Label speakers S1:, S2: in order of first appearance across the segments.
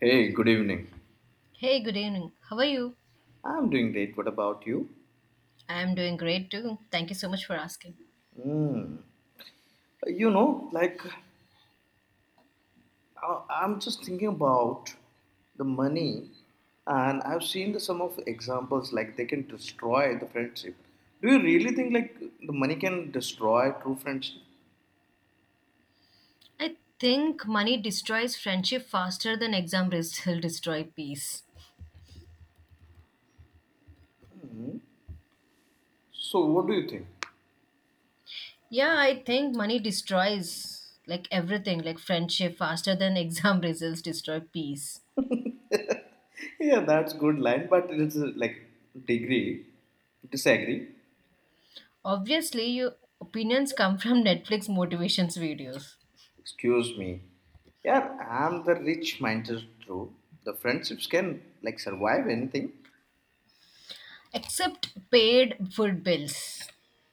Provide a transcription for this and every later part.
S1: Hey, good evening.
S2: Hey, good evening. How are you?
S1: I'm doing great. What about you?
S2: I am doing great too. Thank you so much for asking.
S1: Mm. Like I'm just thinking about the money, and I've seen some of the examples like they can destroy the friendship. Do you really think like the money can destroy true friendship?
S2: I think money destroys friendship faster than exam results will destroy peace.
S1: So, what do you think?
S2: Yeah, I think money destroys like everything, like friendship faster than exam results destroy peace.
S1: yeah, that's good line, but it's like degree disagree.
S2: Obviously, your opinions come from Netflix motivations videos,
S1: Excuse me. Yeah, I'm the rich mindset true. The friendships can like survive anything.
S2: except paid food bills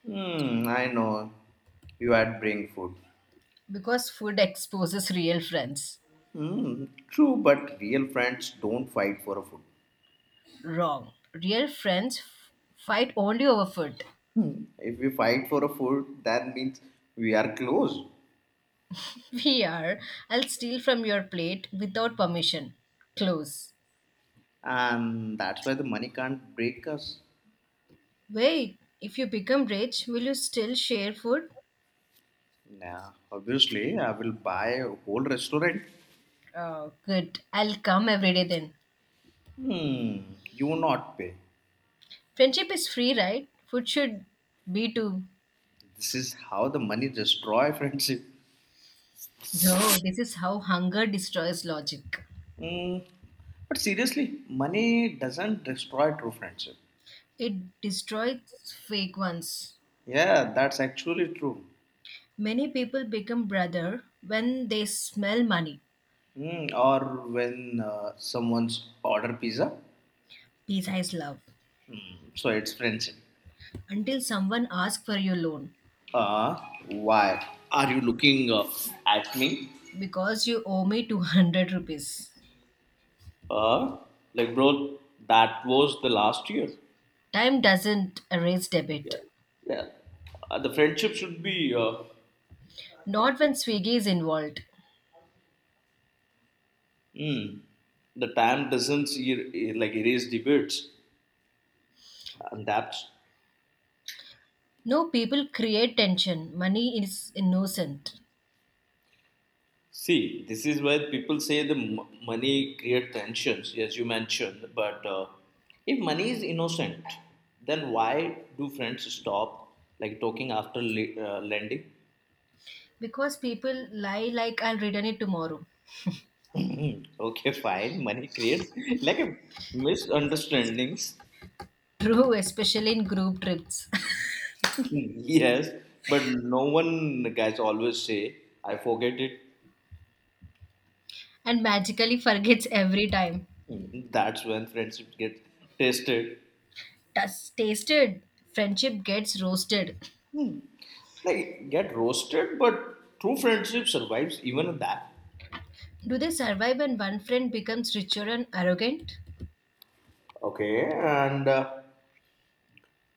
S1: Hmm, I know. You had bring food.
S2: because food exposes real friends.
S1: Hmm, true, but real friends don't fight for a food.
S2: Wrong. Real friends fight only over food.
S1: If we fight for a food, that means we are close.
S2: We are. I'll steal from your plate without permission. Close.
S1: And that's why the money can't break us.
S2: Wait, if you become rich, will you still share food?
S1: Yeah, obviously, I will buy a whole restaurant.
S2: Oh, good. I'll come every day then.
S1: Hmm, you will not pay.
S2: Friendship is free, right? Food should be too.
S1: This is how the money destroy friendship.
S2: No, this is how hunger destroys logic.
S1: Hmm, but seriously, money doesn't destroy true friendship.
S2: It destroys fake ones.
S1: Yeah, that's actually true.
S2: Many people become brother when they smell money.
S1: Mm, or when someone's order pizza,
S2: Besides love.
S1: mm, so it's friendship.
S2: Until someone asks for your loan
S1: Uh, why are you looking at me?
S2: because you owe me 200 rupees.
S1: Uh, like bro, that was the last year.
S2: Time doesn't erase
S1: Yeah,
S2: debit.
S1: yeah. The friendship should be.
S2: Not when Swiggy is involved.
S1: Mm, the time doesn't like erase debates, and that's
S2: No, people create tension. Money is innocent.
S1: See, this is where people say the money creates tensions, as you mentioned. But if money is innocent, then why do friends stop like talking after lending?
S2: Because people lie like I'll return it tomorrow.
S1: okay, fine. Money creates like a misunderstandings.
S2: True, especially in group trips.
S1: yes, but no one guys always say I forget it.
S2: And magically forgets every time.
S1: Mm, that's when friendship get tested,
S2: Tasted. Friendship gets roasted.
S1: like get roasted. But true friendship survives even that.
S2: Do they survive when one friend becomes richer and arrogant?
S1: Okay, and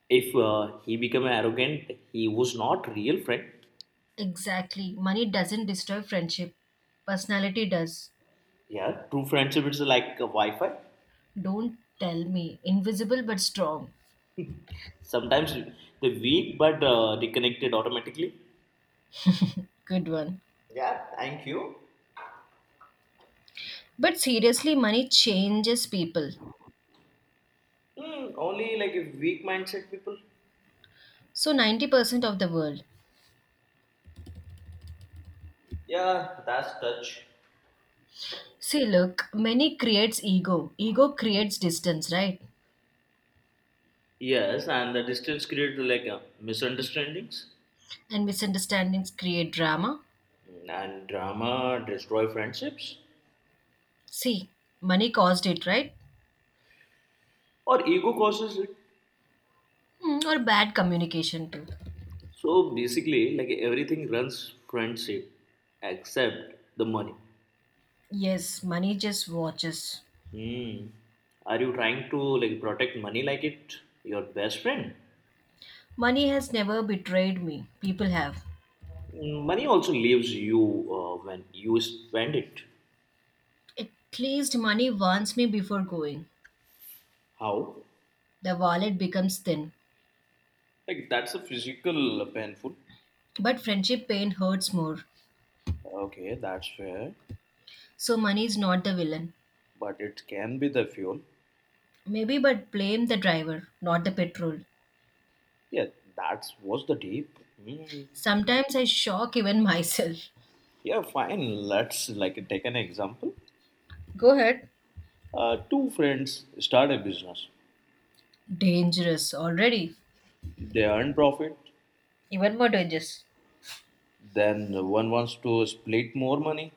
S1: if he become arrogant, he was not real friend.
S2: Exactly. Money doesn't destroy friendship. Personality does.
S1: Yeah, true friendship is like a Wi-Fi.
S2: Don't tell me. Invisible but strong.
S1: Sometimes they weak but they connected automatically.
S2: Good one.
S1: Yeah, thank you.
S2: But seriously, money changes people.
S1: Hmm, only like a weak mindset people.
S2: So 90% of the world.
S1: Yeah, that's touch.
S2: See, look, money creates ego. Ego creates distance, right?
S1: Yes, and the distance creates like misunderstandings.
S2: And misunderstandings create drama.
S1: Hmm, and drama destroy friendships.
S2: See, money caused it, right?
S1: Or ego causes it.
S2: Hmm, or bad communication, too.
S1: So basically, like everything runs friendship except the money.
S2: Yes, money just watches.
S1: Hmm. Are you trying to like protect money like it your best friend?
S2: Money has never betrayed me. People have.
S1: Mm, money also leaves you when you spend it.
S2: At least money warns me before going.
S1: How?
S2: The wallet becomes thin.
S1: Like that's a physical painful.
S2: But friendship pain hurts more.
S1: Okay, that's fair.
S2: So money is not the villain.
S1: But it can be the fuel.
S2: Maybe, but blame the driver, not the petrol.
S1: Yeah, that's was the deep. Hmm.
S2: Sometimes I shock even myself.
S1: Yeah, fine. Let's like take an example.
S2: Go ahead.
S1: Two friends start a business.
S2: Dangerous already.
S1: They earn profit,
S2: Even more dangerous.
S1: then one wants to split more money,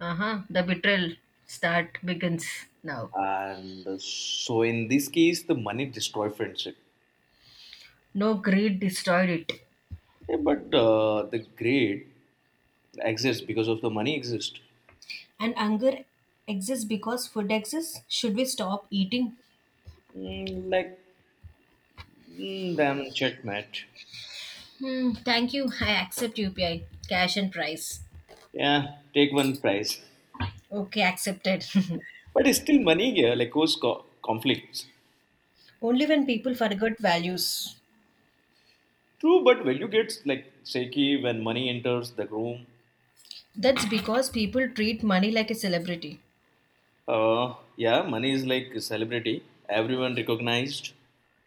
S2: Uh huh. The betrayal start begins now.
S1: and so in this case the money destroy friendship.
S2: No greed destroyed it.
S1: Yeah, but the greed exists because of the money exists.
S2: And hunger exists because food exists. Should we stop eating?
S1: Mm, like damn checkmate.
S2: Hmm. Thank you. I accept UPI. Cash and price.
S1: Yeah take one prize.
S2: Okay, accepted.
S1: but it's still money here like cause conflicts.
S2: Only when people forget values.
S1: True but value gets like shaky when money enters the room.
S2: That's because people treat money like a celebrity.
S1: Yeah money is like a celebrity, everyone recognized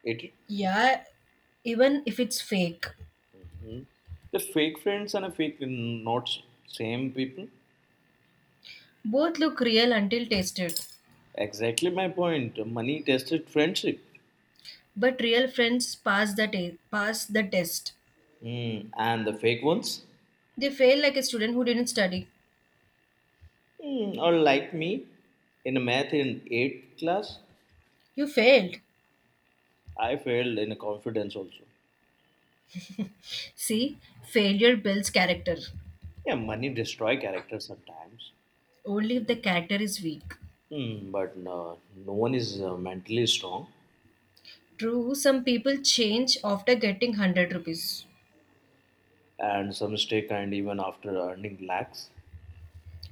S1: it.
S2: Yeah, even if it's fake.
S1: The fake friends and a fake not same people.
S2: Both look real until tasted.
S1: Exactly my point. Money tested friendship.
S2: But real friends pass the test.
S1: Hmm, and the fake ones.
S2: They fail like a student who didn't study.
S1: Hmm, are like me in a math in 8th class.
S2: You failed.
S1: I failed in confidence also.
S2: See, failure builds character.
S1: Yeah, money destroy character sometimes.
S2: Only if the character is weak.
S1: Hmm, but no, no one is mentally strong.
S2: True, some people change after getting 100 rupees.
S1: And some stay kind even after earning lakhs.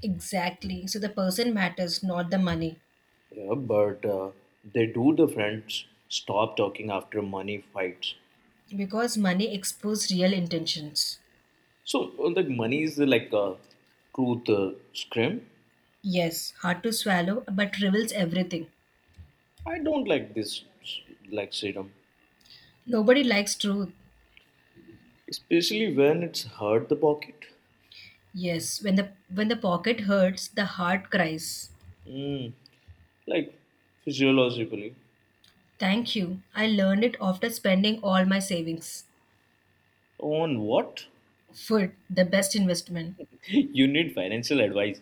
S2: Exactly. So the person matters, not the money.
S1: Yeah, but they do the friends stop talking after money fights.
S2: Because money exposes real intentions.
S1: So, like money is like a truth scrim.
S2: Yes, hard to swallow, but reveals everything.
S1: I don't like this, like serum,
S2: Nobody likes truth.
S1: especially when it's hurt the pocket.
S2: Yes, when the pocket hurts, the heart cries.
S1: Mm, like physiologically.
S2: Thank you. I learned it after spending all my savings.
S1: On what?
S2: Food, the best investment.
S1: you need financial advice.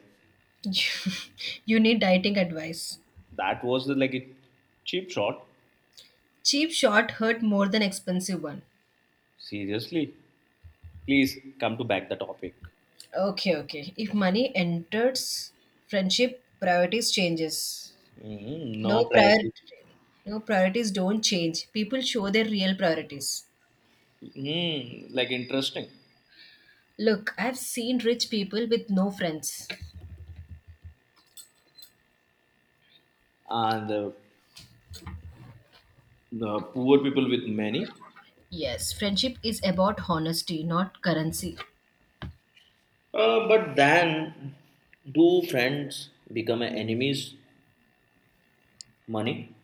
S2: You need dieting advice.
S1: That was the, like a cheap shot.
S2: Cheap shot hurt more than expensive one.
S1: Seriously, please come to back the topic.
S2: Okay, okay. If money enters, friendship priorities changes.
S1: Mm,
S2: No
S1: no
S2: prior
S1: priority.
S2: no priorities don't change. People show their real priorities.
S1: Mm, like interesting.
S2: Look, I've seen rich people with no friends.
S1: And the poor people with many.
S2: Yes, friendship is about honesty, not currency.
S1: But then, do friends become enemies? Money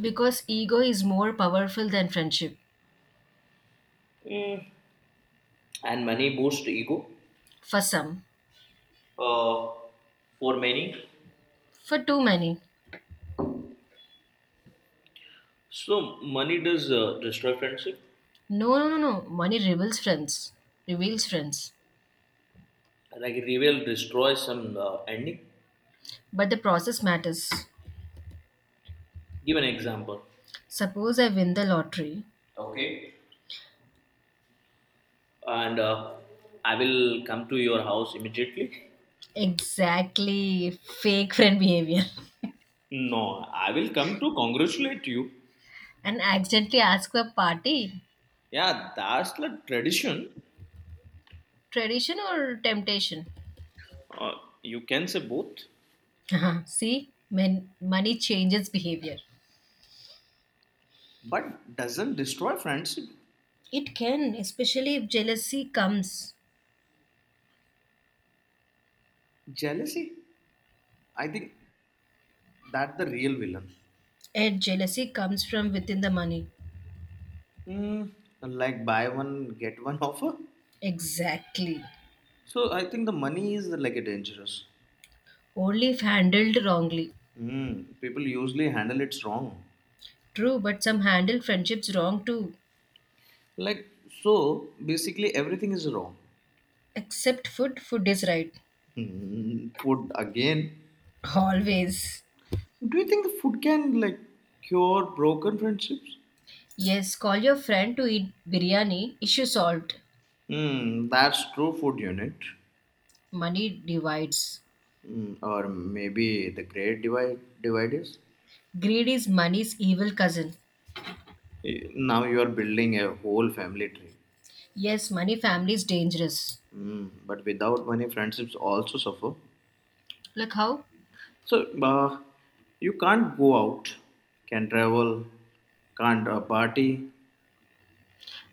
S2: Because ego is more powerful than friendship.
S1: Mm, and money boosts ego.
S2: For some.
S1: Uh, for many,
S2: For too many.
S1: so money does destroy friendship.
S2: No, no, no, no. Money reveals friends. Reveals friends.
S1: Like reveal destroys some ending.
S2: But the process matters.
S1: Give an example.
S2: Suppose I win the lottery.
S1: Okay. And I will come to your house immediately.
S2: Exactly. Fake friend behavior.
S1: No, I will come to congratulate you.
S2: And accidentally ask for a party.
S1: Yeah, that's the tradition.
S2: Tradition or temptation?
S1: Uh, you can say both,
S2: See, men, money changes behavior.
S1: but doesn't destroy friendship.
S2: It can, especially if jealousy comes.
S1: Jealousy? I think that the real villain.
S2: And jealousy comes from within the money.
S1: Hmm, like buy one get one offer.
S2: Exactly.
S1: So I think the money is like a dangerous.
S2: Only if handled wrongly.
S1: Hmm, people usually handle it wrong.
S2: True, but some handle friendships wrong too.
S1: Like so, basically everything is wrong.
S2: Except food, food is right.
S1: Hmm, food again.
S2: Always.
S1: Do you think the food can like cure broken friendships?
S2: Yes, call your friend to eat biryani. Issue solved.
S1: Hmm, that's true. Food unit,
S2: Money divides.
S1: hmm, or maybe the great divide dividers.
S2: Greed is money's evil cousin.
S1: Eh, now you are building a whole family tree.
S2: Yes, money family is dangerous.
S1: Mm, but without money, friendships also suffer.
S2: Like how?
S1: So you can't go out, can't travel, can't party.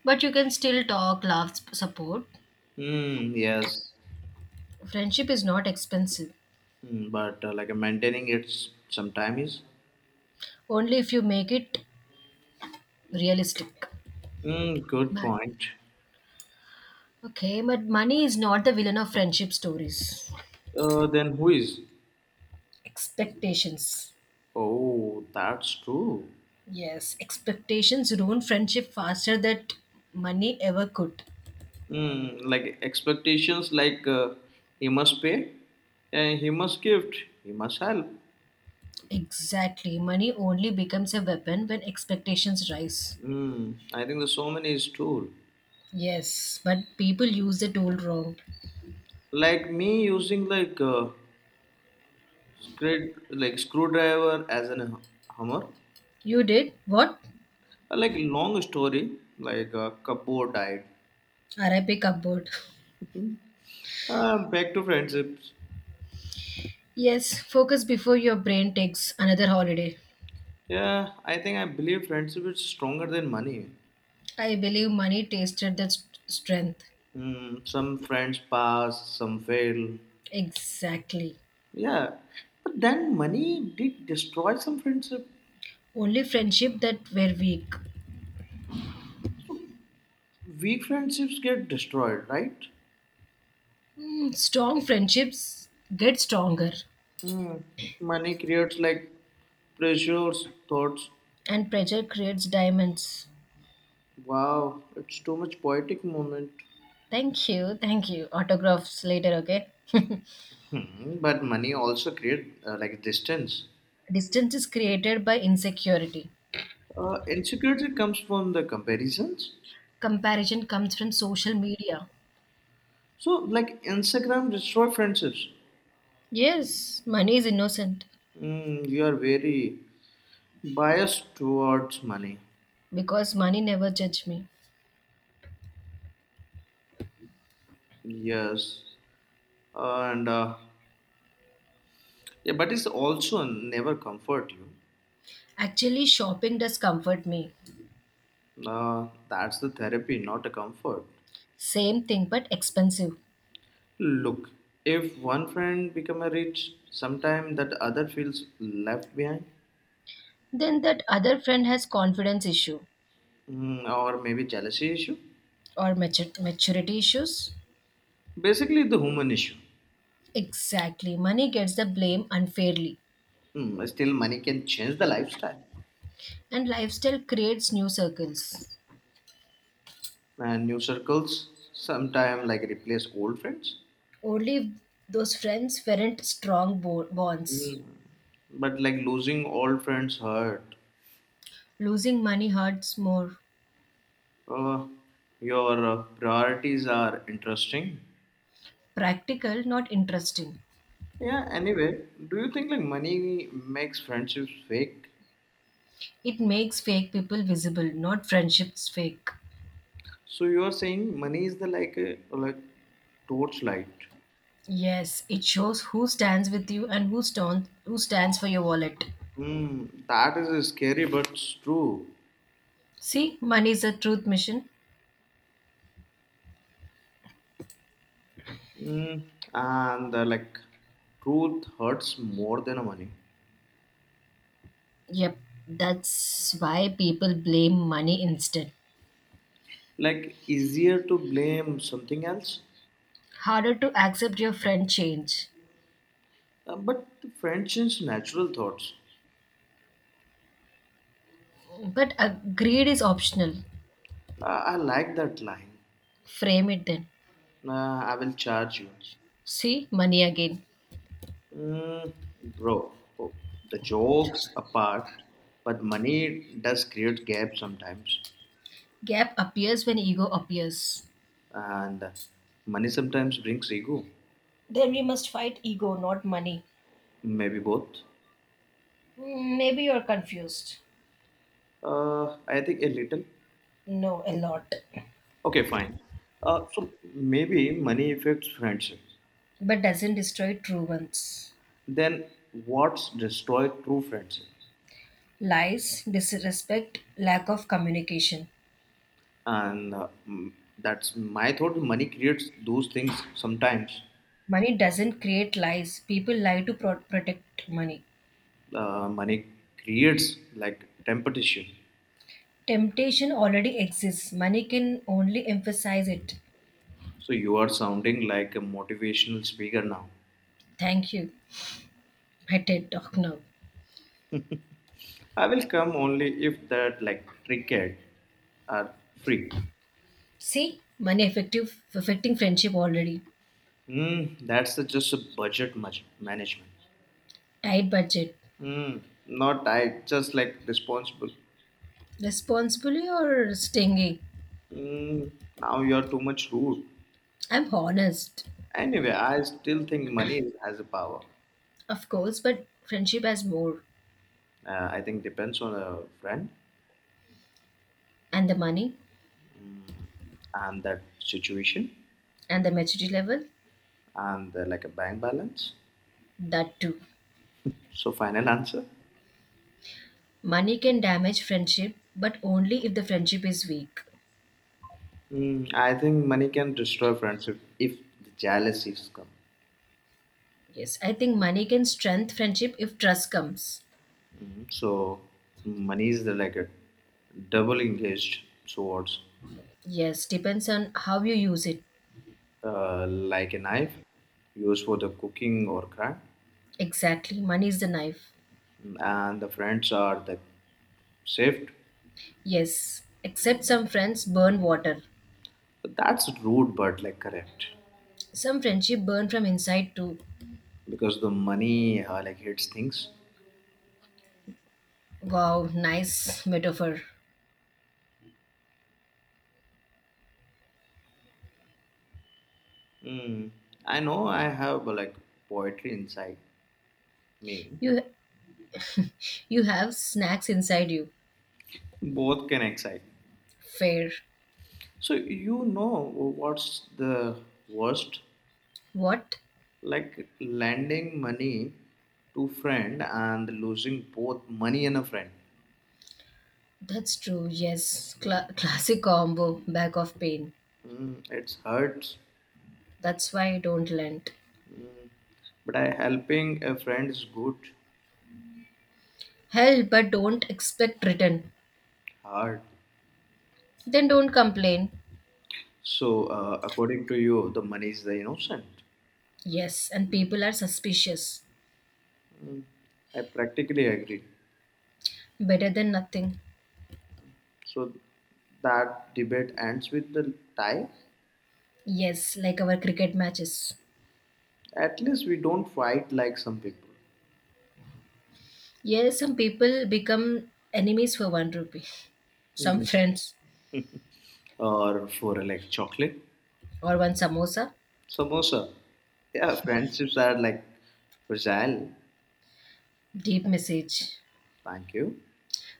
S2: But you can still talk, laugh, support.
S1: Mm, yes,
S2: Friendship is not expensive.
S1: mm, but like maintaining it sometimes.
S2: Only if you make it realistic.
S1: Mm, good
S2: Bye.
S1: point.
S2: Okay, but money is not the villain of friendship stories.
S1: Then who is?
S2: Expectations.
S1: Oh, that's true.
S2: Yes, expectations ruin friendship faster than money ever could.
S1: Mm, like expectations, like he must pay, and he must gift, he must help.
S2: Exactly. Money only becomes a weapon when expectations rise.
S1: Mm, I think there's so many is tool.
S2: Yes, but people use the tool wrong.
S1: Like me using like great like screwdriver as an hammer.
S2: You did? What?
S1: Like long story like kapoor died.
S2: RIP cupboard.
S1: Back to friendships.
S2: Yes, focus before your brain takes another holiday.
S1: Yeah, I think I believe friendship is stronger than money.
S2: I believe money tasted that strength.
S1: Mm, some friends pass some fail.
S2: Exactly.
S1: Yeah but then money did destroy some friendship.
S2: Only friendship that were weak.
S1: So weak friendships get destroyed right.
S2: Strong friendships get stronger,
S1: Mm, money creates like pressures thoughts.
S2: and pressure creates diamonds.
S1: Wow it's too much poetic moment.
S2: Thank you, thank you. Autographs later, okay?
S1: Hmm, but money also create like distance.
S2: Distance is created by insecurity.
S1: Insecurity comes from the comparisons.
S2: Comparison comes from social media.
S1: So like Instagram destroy friendships.
S2: Yes, money is innocent
S1: Mm, you are very biased towards money.
S2: because money never judged me.
S1: Yes, and yeah, but it's also never comfort you.
S2: Actually, shopping does comfort me.
S1: That's the therapy, not a comfort.
S2: Same thing but expensive.
S1: Look, if one friend become a rich, sometime that other feels left behind.
S2: Then that other friend has confidence issue
S1: Mm, or maybe jealousy issue.
S2: or maturity issues.
S1: Basically, the human issue.
S2: Exactly, money gets the blame unfairly.
S1: Mm, still, money can change the lifestyle,
S2: And lifestyle creates new circles.
S1: and new circles sometimes like replace old friends.
S2: Only if those friends weren't strong bonds.
S1: Mm. But like losing old friends hurt.
S2: Losing money hurts more.
S1: Uh, your priorities are interesting.
S2: Practical, not interesting.
S1: Yeah. Anyway, do you think like money makes friendships fake?
S2: It makes fake people visible, not friendships fake.
S1: So you are saying money is the like a like torchlight.
S2: Yes, it shows who stands with you and who stands for your wallet.
S1: Mm, that is scary, but it's true.
S2: See, money is a truth mission.
S1: Mm, and like truth hurts more than money.
S2: Yep, that's why people blame money instead.
S1: Like easier to blame something else.
S2: Harder to accept your friend change.
S1: But the friend change natural thoughts.
S2: But greed is optional.
S1: I like that line.
S2: Frame it then.
S1: I will charge you.
S2: See, money again.
S1: Mm, bro, oh, the jokes apart, but money does create gap sometimes.
S2: Gap appears when ego appears.
S1: And money sometimes brings ego.
S2: Then we must fight ego, not money.
S1: Maybe both.
S2: Maybe you're confused.
S1: I think a little.
S2: No, a lot.
S1: Okay, fine. So maybe money affects friendship.
S2: But doesn't destroy true ones.
S1: Then what's destroyed true friendship?
S2: Lies, disrespect, lack of communication.
S1: And mm, that's my thought money creates those things sometimes.
S2: Money doesn't create lies. People lie to protect money.
S1: Money creates like temptation.
S2: Temptation already exists. Money can only emphasize it.
S1: So you are sounding like a motivational speaker now.
S2: Thank you. My TED talk now.
S1: I will come only if that like trickhead are free.
S2: See, money effective affecting friendship already.
S1: Hmm, that's the, just a budget much management.
S2: Tight budget.
S1: Hmm, not I, just like responsible.
S2: Responsibly or stingy?
S1: Hmm. Now you are too much rude.
S2: I'm honest.
S1: Anyway, I still think money has a power.
S2: Of course, but friendship has more.
S1: I think depends on a friend.
S2: And the money
S1: And that situation.
S2: and the maturity level,
S1: And like a bank balance.
S2: that too.
S1: So final answer.
S2: Money can damage friendship, but only if the friendship is weak.
S1: Mm, I think money can destroy friendship if the jealousies come.
S2: Yes, I think money can strengthen friendship if trust comes.
S1: Mhm. So money is the, like a double engaged swords,
S2: Yes, depends on how you use it.
S1: like a knife used for the cooking or crime,
S2: Exactly, money is the knife.
S1: and the friends are the saved.
S2: Yes, except some friends burn water.
S1: That's rude, but like correct.
S2: Some friendship burn from inside too.
S1: Because the money like hits things.
S2: Wow, nice metaphor.
S1: Mm. I know I have like poetry inside me.
S2: You You have snacks inside you.
S1: Both can excite.
S2: Fair.
S1: So you know what's the worst?
S2: What?
S1: Like lending money to friend and losing both money and a friend.
S2: That's true. Yes. Classic combo. Back of pain.
S1: Mm, it hurts.
S2: That's why I don't lend.
S1: Mm, but I helping a friend is good,
S2: Hell, but don't expect return.
S1: hard.
S2: Then don't complain.
S1: So according to you, the money is the innocent.
S2: Yes, and people are suspicious.
S1: Mm, I practically agree.
S2: Better than nothing.
S1: So that debate ends with the tie.
S2: Yes, like our cricket matches.
S1: At least we don't fight like some people.
S2: Yes, some people become enemies for one rupee. Some
S1: Mm.
S2: friends
S1: Or for like chocolate,
S2: or one samosa.
S1: samosa. Yeah, friendships are like fragile.
S2: Deep message.
S1: Thank you.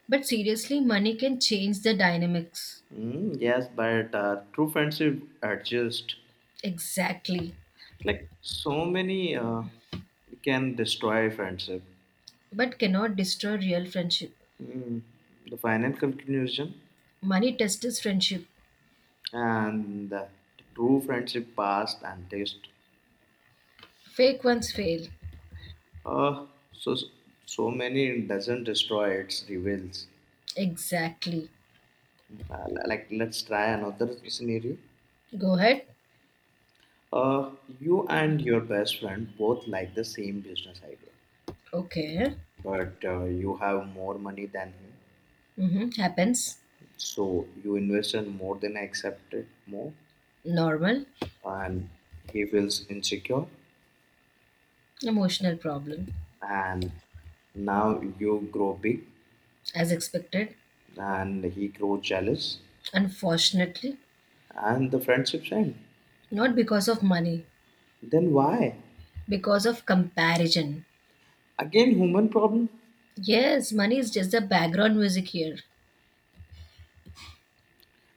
S2: But seriously, money can change the dynamics.
S1: Mm, yes, but true friendship adjust.
S2: Exactly.
S1: Like so many can destroy friendship.
S2: But cannot destroy real friendship.
S1: Mm, the final conclusion
S2: Money tests friendship.
S1: and the true friendship past and taste.
S2: Fake ones fail.
S1: So so many doesn't destroy its reveals.
S2: Exactly.
S1: Uh, like let's try another scenario.
S2: Go ahead.
S1: Uh, you and your best friend both like the same business idea,
S2: Okay.
S1: but you have more money than him.
S2: Mm-hmm. Happens.
S1: So you invested more than I accepted more,
S2: Normal.
S1: and he feels insecure.
S2: Emotional problem.
S1: And now you grow big,
S2: As expected.
S1: and he grows jealous,
S2: Unfortunately,
S1: and the friendships end.
S2: not because of money,
S1: Then why?
S2: because of comparison.
S1: Again, human problem.
S2: Yes, money is just the background music here.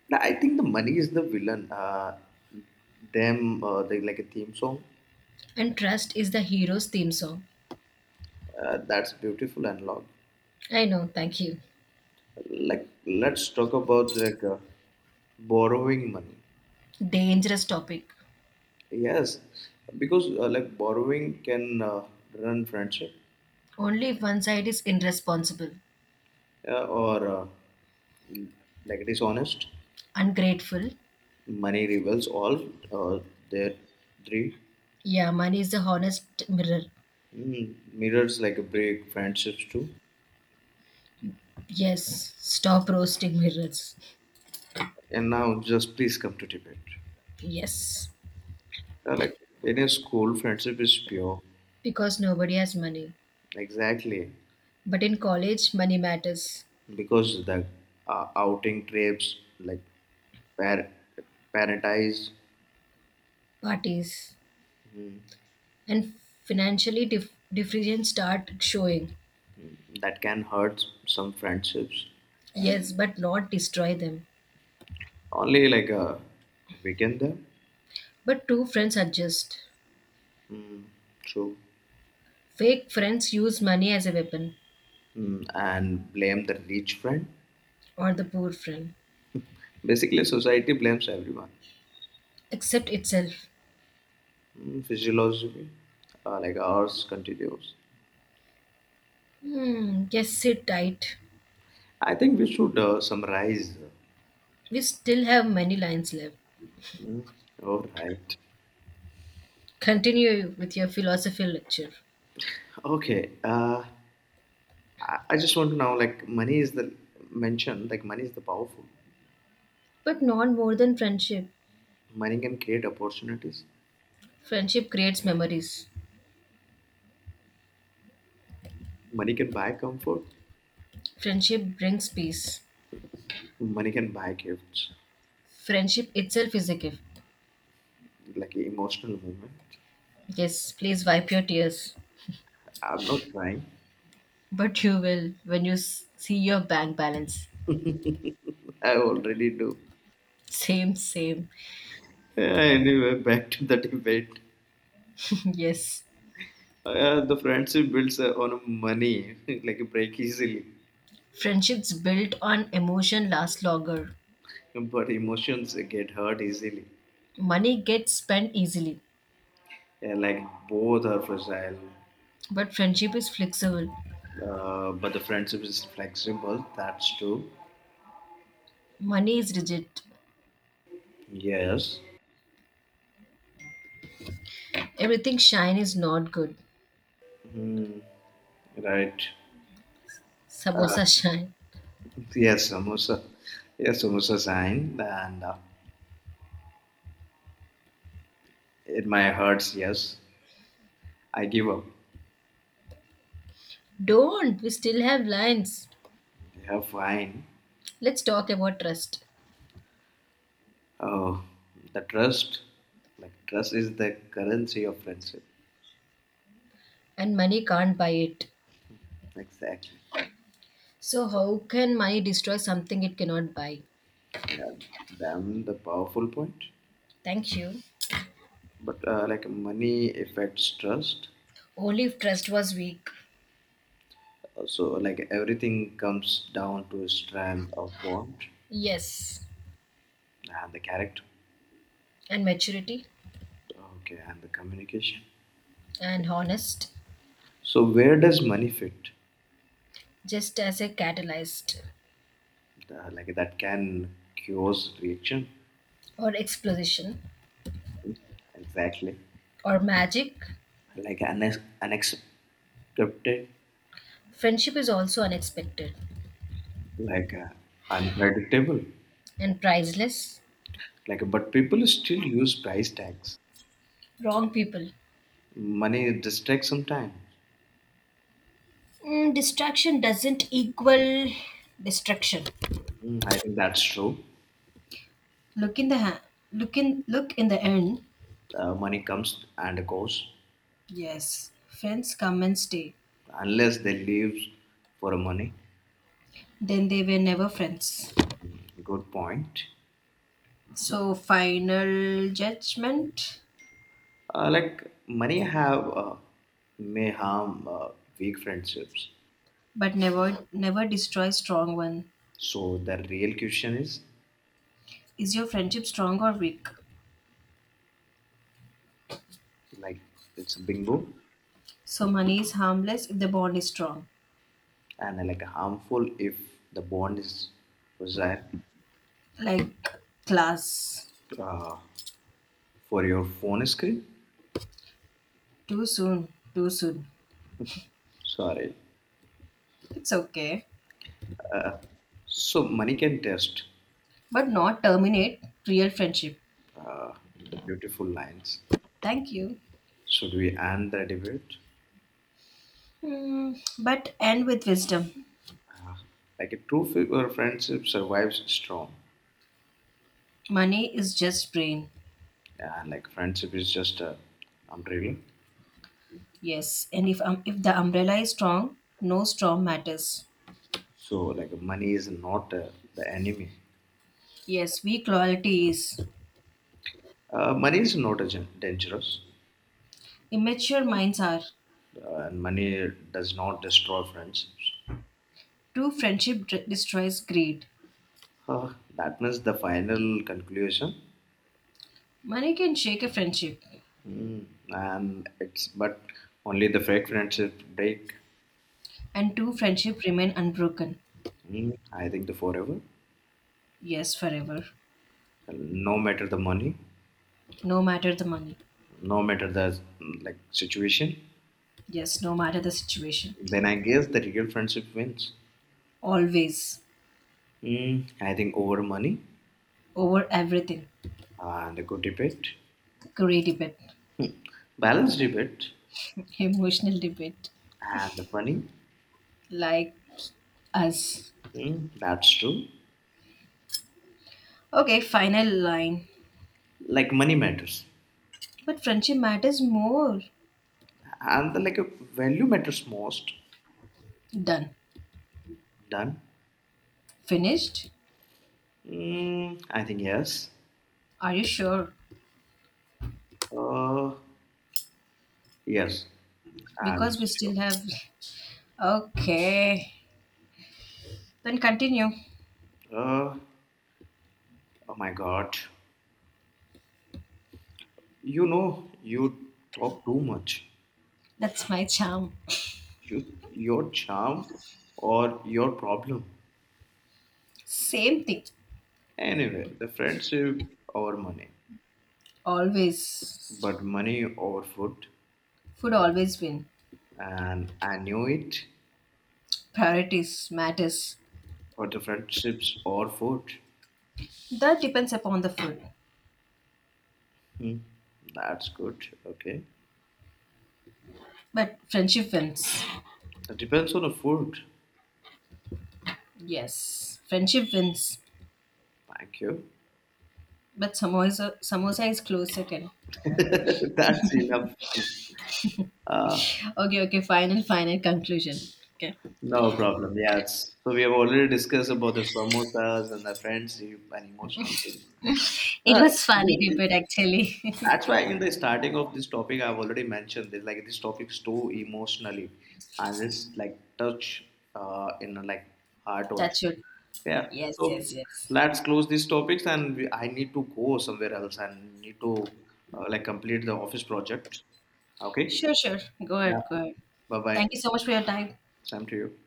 S1: Nah, I think the money is the villain. Them, they like a theme song.
S2: And trust is the hero's theme song.
S1: That's beautiful and loud.
S2: I know, thank you.
S1: Like, let's talk about like borrowing money.
S2: Dangerous topic.
S1: Yes, because like borrowing can run friendship.
S2: Only if one side is irresponsible.
S1: Or like dishonest.
S2: Ungrateful.
S1: Money reveals all their three.
S2: Yeah, money is the honest mirror.
S1: Mm, mirrors like a break friendships too.
S2: Yes, stop roasting mirrors.
S1: And now, just please come to Tibet.
S2: Yes,
S1: Like in a school, friendship is pure.
S2: because nobody has money.
S1: Exactly,
S2: But in college, money matters.
S1: because the outing trips, like par- paradise,
S2: Parties and financially difference start showing.
S1: that can hurt some friendships.
S2: Yes, but not destroy them.
S1: Only like weaken them,
S2: But two friends adjust.
S1: true,
S2: Fake friends use money as a weapon,
S1: mm, and blame the rich friend.
S2: or the poor friend.
S1: Basically, society blames everyone.
S2: Accept itself.
S1: Mm, physiology, like ours, continues.
S2: Hmm, yes, sit tight.
S1: I think we should summarize.
S2: We still have many lines left.
S1: Mm, all right.
S2: Continue with your philosophy lecture.
S1: Okay. I just want to know like money is the mention like money is the powerful.
S2: But not more than friendship.
S1: Money can create opportunities.
S2: Friendship creates memories.
S1: Money can buy comfort.
S2: Friendship brings peace.
S1: Money can buy gifts
S2: Friendship itself is a gift.
S1: like emotional moment.
S2: Yes, please wipe your tears.
S1: I'm not crying.
S2: But you will when you see your bank balance.
S1: I already do.
S2: Same, same.
S1: Yeah, anyway, back to the debate.
S2: Yes.
S1: The friendship builds on money, like break easily,
S2: Friendships built on emotion last longer.
S1: but emotions get hurt easily.
S2: Money gets spent easily,
S1: Yeah, like both are fragile,
S2: but friendship is flexible.
S1: but the friendship is flexible. That's true.
S2: Money is rigid.
S1: Yes.
S2: Everything shine is not good.
S1: Hmm, right. Uh,
S2: Samosa shine.
S1: yes, samosa. Yes, samosa sign. And it my hurts. Yes, I give up.
S2: Don't, we still have lines.
S1: They are fine.
S2: Let's talk about trust.
S1: Oh, the trust. Like trust is the currency of friendship.
S2: And money can't buy it.
S1: Exactly.
S2: So, how can money destroy something it cannot buy?
S1: Yeah. Damn the powerful point.
S2: Thank you.
S1: But like money affects trust.
S2: Only if trust was weak.
S1: So like everything comes down to strength of bond
S2: Yes.
S1: and the character.
S2: And maturity
S1: Okay, and the communication.
S2: and honest,
S1: So where does money fit?
S2: just as a catalyst
S1: The, like that can cause reaction.
S2: or explosion
S1: Exactly.
S2: or magic.
S1: Like unaccepted.
S2: Friendship is also unexpected
S1: Like unpredictable.
S2: and priceless.
S1: Like but people still use price tags.
S2: Wrong people.
S1: Money distracts sometimes.
S2: Distraction doesn't equal destruction.
S1: Mm, I think that's true.
S2: Look in the ha- look in the end.
S1: Money comes and goes.
S2: Yes, friends come and stay.
S1: Unless they leave for money.
S2: Then they were never friends.
S1: Mm, good point.
S2: So final judgment,
S1: Like money have may harm weak friendships.
S2: but never never destroy strong one.
S1: So the real question is
S2: Is your friendship strong or weak?
S1: like it's a bingo.
S2: So money is harmless if the bond is strong.
S1: And like harmful if the bond is desired.
S2: Like class.
S1: uh, for your phone screen.
S2: Too soon, too soon.
S1: Sorry.
S2: It's okay,
S1: So money can test.
S2: but not terminate real friendship.
S1: uh, the beautiful lines.
S2: Thank you.
S1: Should we end the debate?
S2: Hmm, but end with wisdom.
S1: Like a true fi- or friendship survives strong.
S2: Money is just brain.
S1: And like friendship is just a umbrella.
S2: Yes, and if the umbrella is strong, no storm matters.
S1: So like money is not the enemy.
S2: Yes, weak loyalty is.
S1: Money is not a dangerous.
S2: Immature minds are.
S1: And money does not destroy friendships.
S2: True friendship destroys greed.
S1: Huh, that means the final conclusion.
S2: Money can shake a friendship,
S1: Mm, and it's but only the fake friendship break.
S2: and true friendship remain unbroken.
S1: Mm, I think the forever.
S2: Yes, forever.
S1: Well, no matter the money,
S2: No matter the money.
S1: no matter the like situation,
S2: Yes, no matter the situation.
S1: then I guess the real friendship wins.
S2: Always.
S1: Mm, I think over money
S2: Over everything.
S1: and a good debate,
S2: Great debate.
S1: balanced debate,
S2: Emotional debate.
S1: and the money.
S2: Like us.
S1: Mm, that's true.
S2: Okay, final line.
S1: Like money matters,
S2: But friendship matters more.
S1: and the, like value matters most.
S2: Done.
S1: Done.
S2: Finished?
S1: Mm, I think yes.
S2: Are you sure?
S1: Uh, yes, I'm
S2: Because we
S1: sure.
S2: still have. Okay, then continue.
S1: Uh, oh my God. You talk too much.
S2: That's my charm.
S1: You, your charm or your problem.
S2: Same thing.
S1: Anyway, the friendship over money,
S2: Always.
S1: but money over food.
S2: Food always win.
S1: And I knew it,
S2: Priorities matters.
S1: but the friendships over food.
S2: That depends upon the food.
S1: Hmm, that's good. Okay.
S2: But friendship wins.
S1: It depends on the food.
S2: Yes, friendship wins.
S1: Thank you.
S2: But samosa, samosa is close second.
S1: That's enough. Uh,
S2: Okay, okay, final, final conclusion. Okay.
S1: No problem. Yeah. It's, so we have already discussed about the samosas and the friendship and emotional thing.
S2: It
S1: Uh,
S2: was funny
S1: because
S2: debate actually.
S1: that's why in the starting of this topic, I've already mentioned this. Like this topic is too emotionally, and it's like touch in the, like heart also.
S2: Touch wood.
S1: Yeah.
S2: Yes,
S1: So
S2: yes, yes.
S1: let's close these topics, and we, I need to go somewhere else and need to like complete the office project. Okay.
S2: Sure, sure. Go
S1: Yeah.
S2: ahead, go ahead.
S1: Bye bye.
S2: Thank you so much for your time.
S1: Same to you.